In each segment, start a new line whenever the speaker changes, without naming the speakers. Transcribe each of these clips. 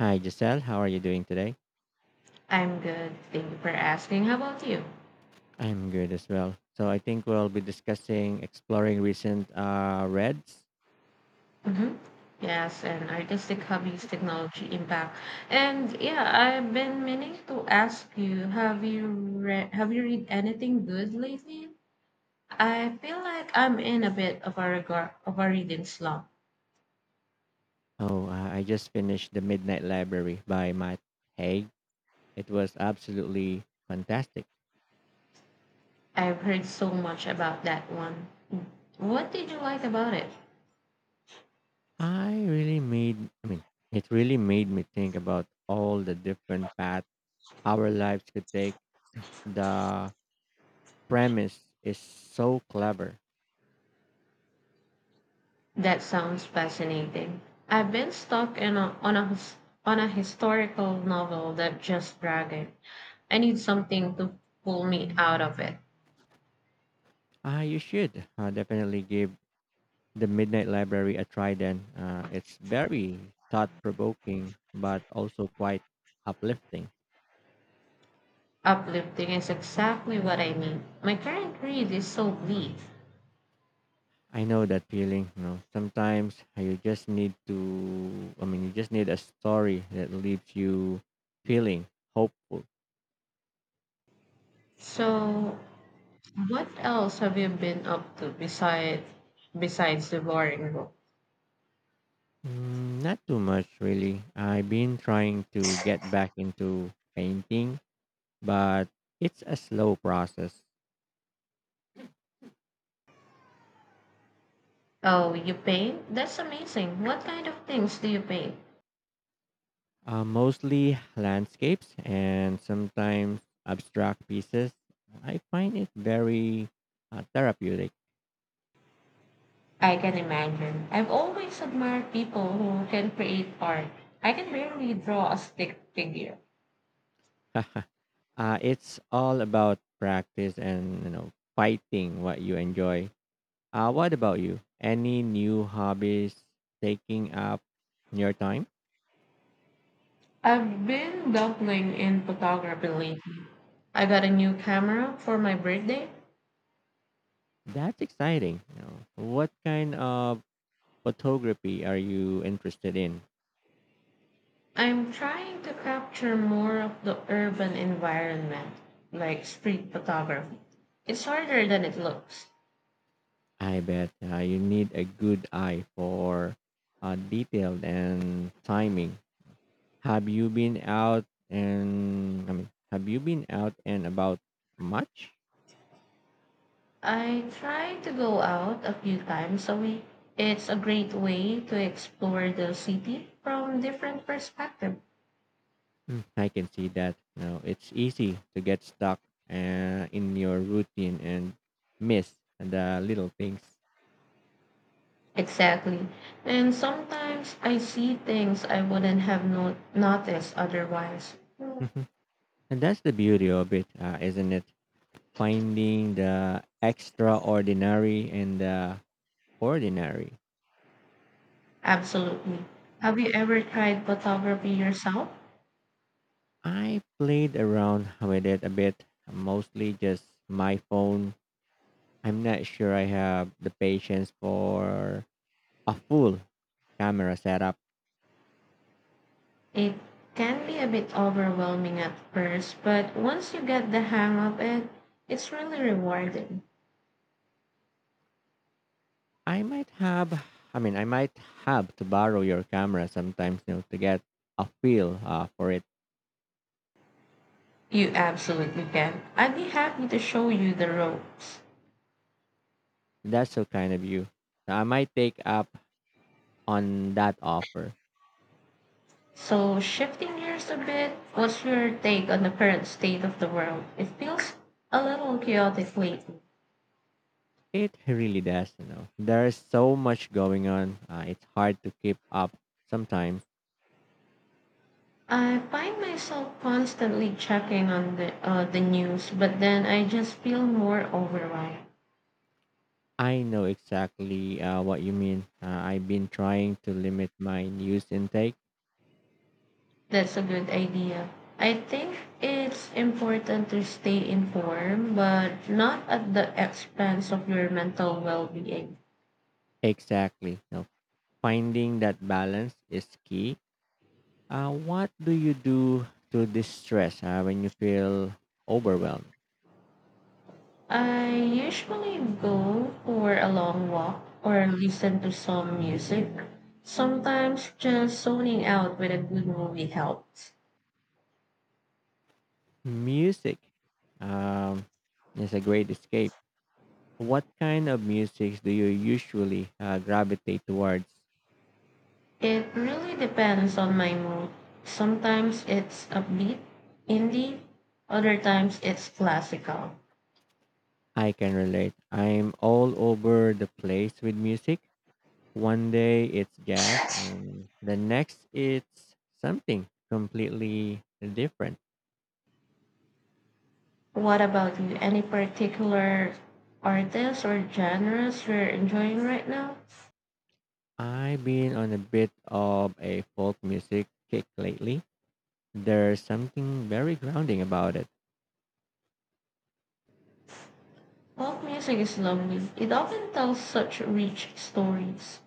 Hi, Giselle. How are you doing today?
I'm good. Thank you for asking. How about you?
I'm good as well. So I think we'll be discussing exploring recent reads.
Mm-hmm. Yes, and artistic hobbies, technology impact. And yeah, I've been meaning to ask you, have you read anything good lately? I feel like I'm in a bit of a of a reading slump.
Oh, I just finished The Midnight Library by Matt Haig. It was absolutely fantastic.
I've heard so much about that one. What did you like about it?
I mean, it really made me think about all the different paths our lives could take, the premise is so clever.
That sounds fascinating. I've been stuck on a historical novel that just dragged. I need something to pull me out of it.
You should definitely give The Midnight Library a try then. It's very thought provoking, but also quite uplifting.
Uplifting is exactly what I need. My current read is so bleak.
I know that feeling. You know, sometimes you just need to, I mean, you just need a story that leaves you feeling hopeful.
So, what else have you been up to besides devouring book?
Mm, not too much, really. I've been trying to get back into painting, but it's a slow process.
Oh, you paint? That's amazing. What kind of things do you paint?
Mostly landscapes and sometimes abstract pieces. I find it very therapeutic.
I can imagine. I've always admired people who can create art. I can barely draw a stick figure.
uh, it's all about practice and you know fighting what you enjoy. What about you? Any new hobbies taking up your time?
I've been dabbling in photography lately. I got a new camera for my birthday.
That's exciting. You know, what kind of photography are you interested in?
I'm trying to capture more of the urban environment, like street photography. It's harder than it looks.
I bet you need a good eye for detail and timing. Have you been out have you been out and about much?
I try to go out a few times a week. It's a great way to explore the city from different perspectives.
Mm, I can see that. You it's easy to get stuck in your routine and miss the little things.
Exactly. And sometimes I see things I wouldn't have noticed otherwise.
Mhm. And that's the beauty of it, isn't it? Finding the extraordinary and the ordinary.
Absolutely. Have you ever tried photography yourself?
I played around with it a bit, mostly just my phone. I'm not sure I have the patience for a full camera setup.
It can be a bit overwhelming at first, but once you get the hang of it, it's really rewarding.
I might have, I might have to borrow your camera sometimes you know, to get a feel for it.
You absolutely can. I'd be happy to show you the ropes.
That's so kind of you. I might take up on that offer.
So, shifting gears a bit, what's your take on the current state of the world? It feels a little chaotic lately.
It really does, you know. There is so much going on. It's hard to keep up sometimes.
I find myself constantly checking on the news, but then I just feel more overwhelmed.
I know exactly what you mean. I've been trying to limit my news intake.
That's a good idea. I think it's important to stay informed, but not at the expense of your mental well-being.
Exactly. No, finding that balance is key. What do you do to distress when you feel overwhelmed?
I usually go for a long walk or listen to some music. Sometimes just zoning out with a good movie helps.
Music um, is a great escape. What kind of music do you usually gravitate towards?
It really depends on my mood. Sometimes it's upbeat, indie, other times it's classical.
I can relate. I'm all over the place with music. One day it's gas, and the next it's something completely different.
What about you? Any particular artists or genres you're enjoying right now?
I've been on a bit of a folk music kick lately. There's something very grounding about it.
Folk music is lovely. It often tells such rich stories.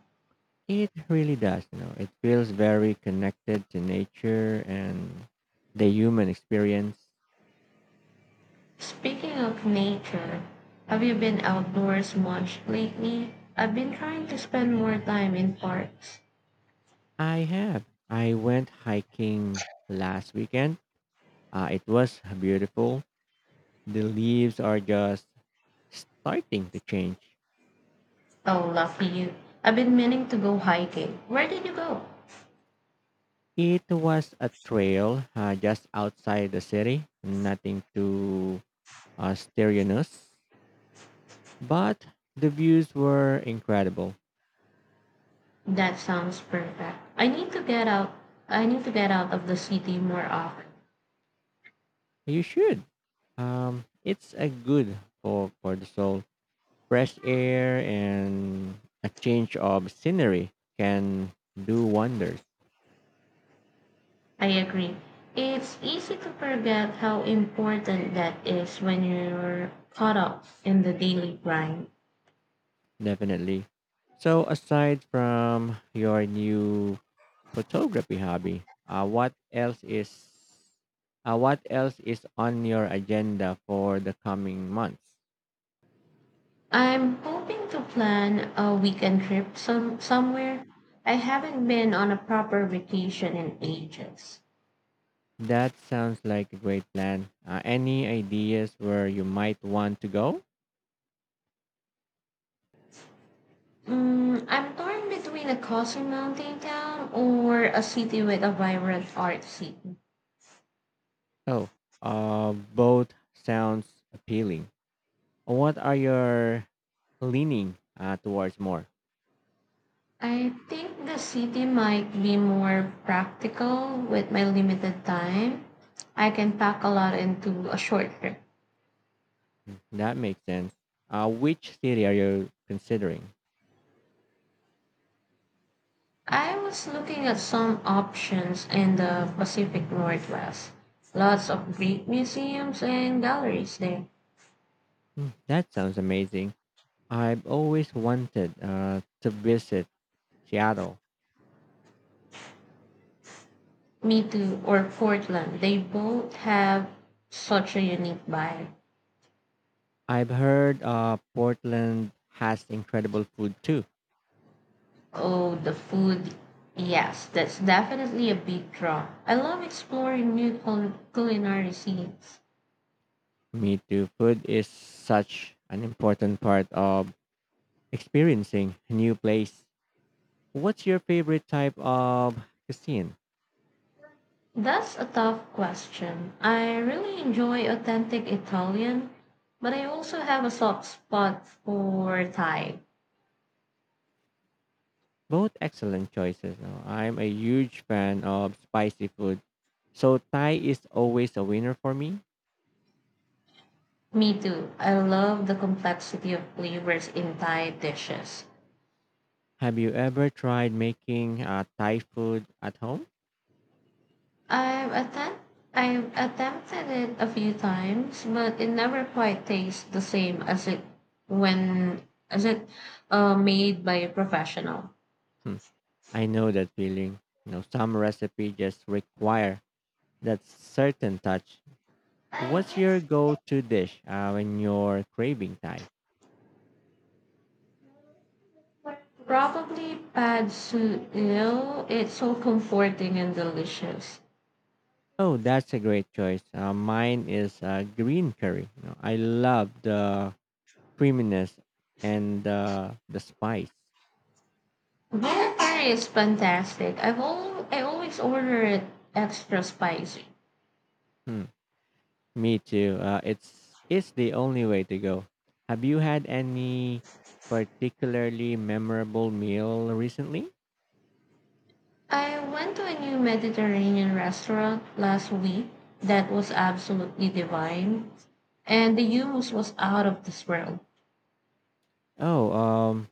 It really does, you know. It feels very connected to nature and the human experience.
Speaking of nature, have you been outdoors much lately? I've been trying to spend more time in parks.
I have. I went hiking last weekend. It was beautiful. The leaves are just starting to change.
Oh, lucky you. I've been meaning to go hiking. Where did you go?
It was a trail just outside the city, nothing too strenuous, but the views were incredible.
That sounds perfect. I need to get out. I need to get out of the city more often.
You should. It's a good for the soul. Fresh air and a change of scenery can do wonders.
I agree. It's easy to forget how important that is when you're caught up in the daily grind.
Definitely. So aside from your new photography hobby. What else is on your agenda for the coming months?
I'm hoping to plan a weekend trip somewhere. I haven't been on a proper vacation in ages.
That sounds like a great plan. Any ideas where you might want to go?
Mm, I'm torn between a coastal mountain town or a city with a vibrant art scene.
Oh, Both sounds appealing. What are your leaning towards more?
I think the city might be more practical with my limited time. I can pack a lot into a short trip.
Mm, that makes sense. Which city are you considering?
I was looking at some options in the Pacific Northwest. Lots of great museums and galleries there.
Hmm, that sounds amazing. I've always wanted to visit Seattle.
Me too, or Portland. They both have such a unique vibe.
I've heard Portland has incredible food too.
Oh, the food. Yes, that's definitely a big draw. I love exploring new culinary scenes.
Me too. Food is such an important part of experiencing a new place. What's your favorite type of cuisine?
That's a tough question. I really enjoy authentic Italian, but I also have a soft spot for Thai.
Both excellent choices. Now, I'm a huge fan of spicy food, so Thai is always a winner for me.
Me too. I love the complexity of flavors in Thai dishes.
Have you ever tried making Thai food at home?
I've attempt I've attempted it a few times, but it never quite tastes the same when as it made by a professional.
Hmm, I know that feeling. You know, some recipes just require that certain touch. What's your go-to dish when you're craving Thai?
Probably pad see ew. It's so comforting and delicious.
Oh, that's a great choice. Mine is green curry. You know, I love the creaminess and the spice.
Valentine is fantastic. I always order it extra spicy.
Hmm, me too. It's the only way to go. Have you had any particularly memorable meal recently?
I went to a new Mediterranean restaurant last week that was absolutely divine, and the hummus was out of this world.
Oh, um,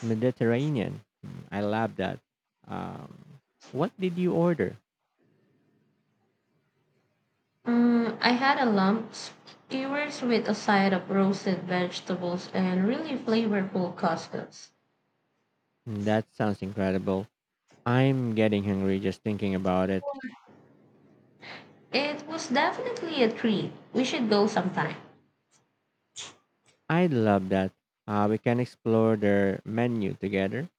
Mediterranean. Hmm, I love that. Um, what did you order?
Mm, I had a lump skewers with a side of roasted vegetables and really flavorful couscous.
Mm, that sounds incredible. I'm getting hungry just thinking about it.
It was definitely a treat. We should go sometime.
I'd love that. We can explore their menu together.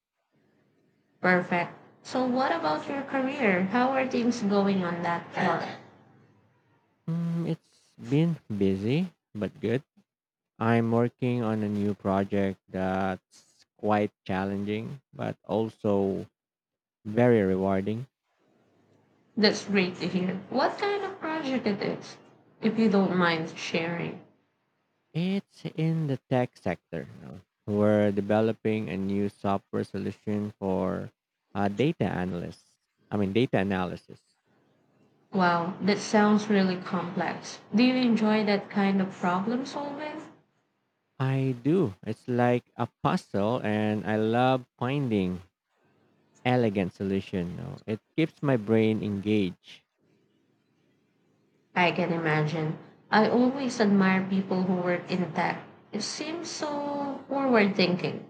Perfect. So, what about your career? How are things going on that front?
Mm, it's been busy, but good. I'm working on a new project that's quite challenging, but also very rewarding.
That's great to hear. What kind of project it is, if you don't mind sharing?
It's in the tech sector, you know. We're developing a new software solution for uh, data analysts. Data analysis.
Wow, that sounds really complex. Do you enjoy that kind of problem solving?
I do. It's like a puzzle, and I love finding elegant solution. You know. It keeps my brain engaged.
I can imagine. I always admire people who work in tech. It seems so forward thinking.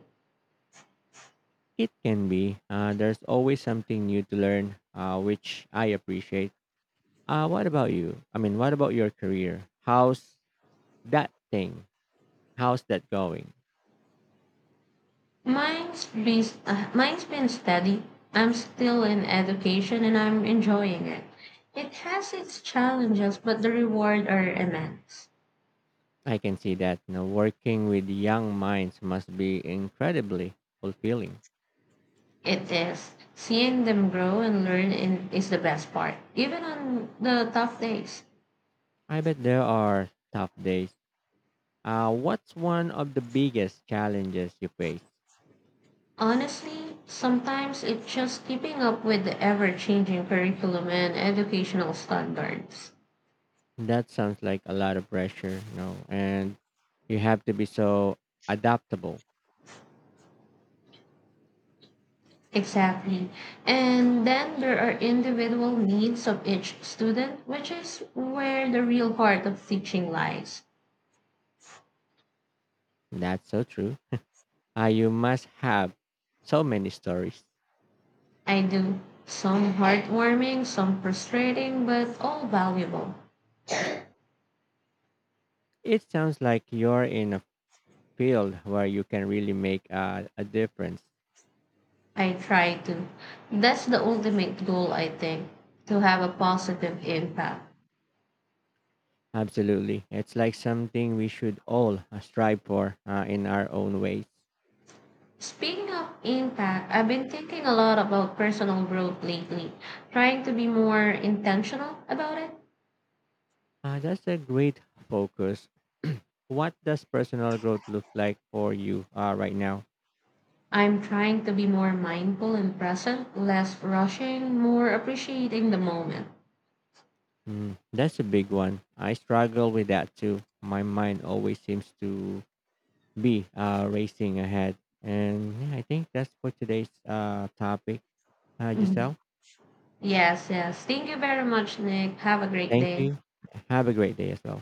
It can be. There's always something new to learn, which I appreciate. What about your career? How's that thing? How's that going?
Mine's been steady. I'm still in education and I'm enjoying it. It has its challenges, but the reward are immense.
I can see that. You know, working with young minds must be incredibly fulfilling.
It is. Seeing them grow and learn in, is the best part, even on the tough days.
I bet there are tough days. What's one of the biggest challenges you face?
Honestly, sometimes it's just keeping up with the ever changing curriculum and educational standards.
That sounds like a lot of pressure, you know, and you have to be so adaptable.
Exactly. And then there are individual needs of each student, which is where the real heart of teaching lies.
That's so true. You must have so many stories.
I do. Some heartwarming, some frustrating, but all valuable.
It sounds like you're in a field where you can really make a difference.
I try to. That's the ultimate goal, I think, to have a positive impact.
Absolutely. It's like something we should all strive for in our own ways.
Speaking of impact, I've been thinking a lot about personal growth lately, trying to be more intentional about it.
That's a great focus. What does personal growth look like for you right now?
I'm trying to be more mindful and present, less rushing, more appreciating the moment.
Mm, that's a big one. I struggle with that too. My mind always seems to be racing ahead. And yeah, I think that's for today's topic,
Mhm.
Giselle.
Yes, yes. Thank you very much, Nick. Have a great
Thank
day.
you. Have a great day as well.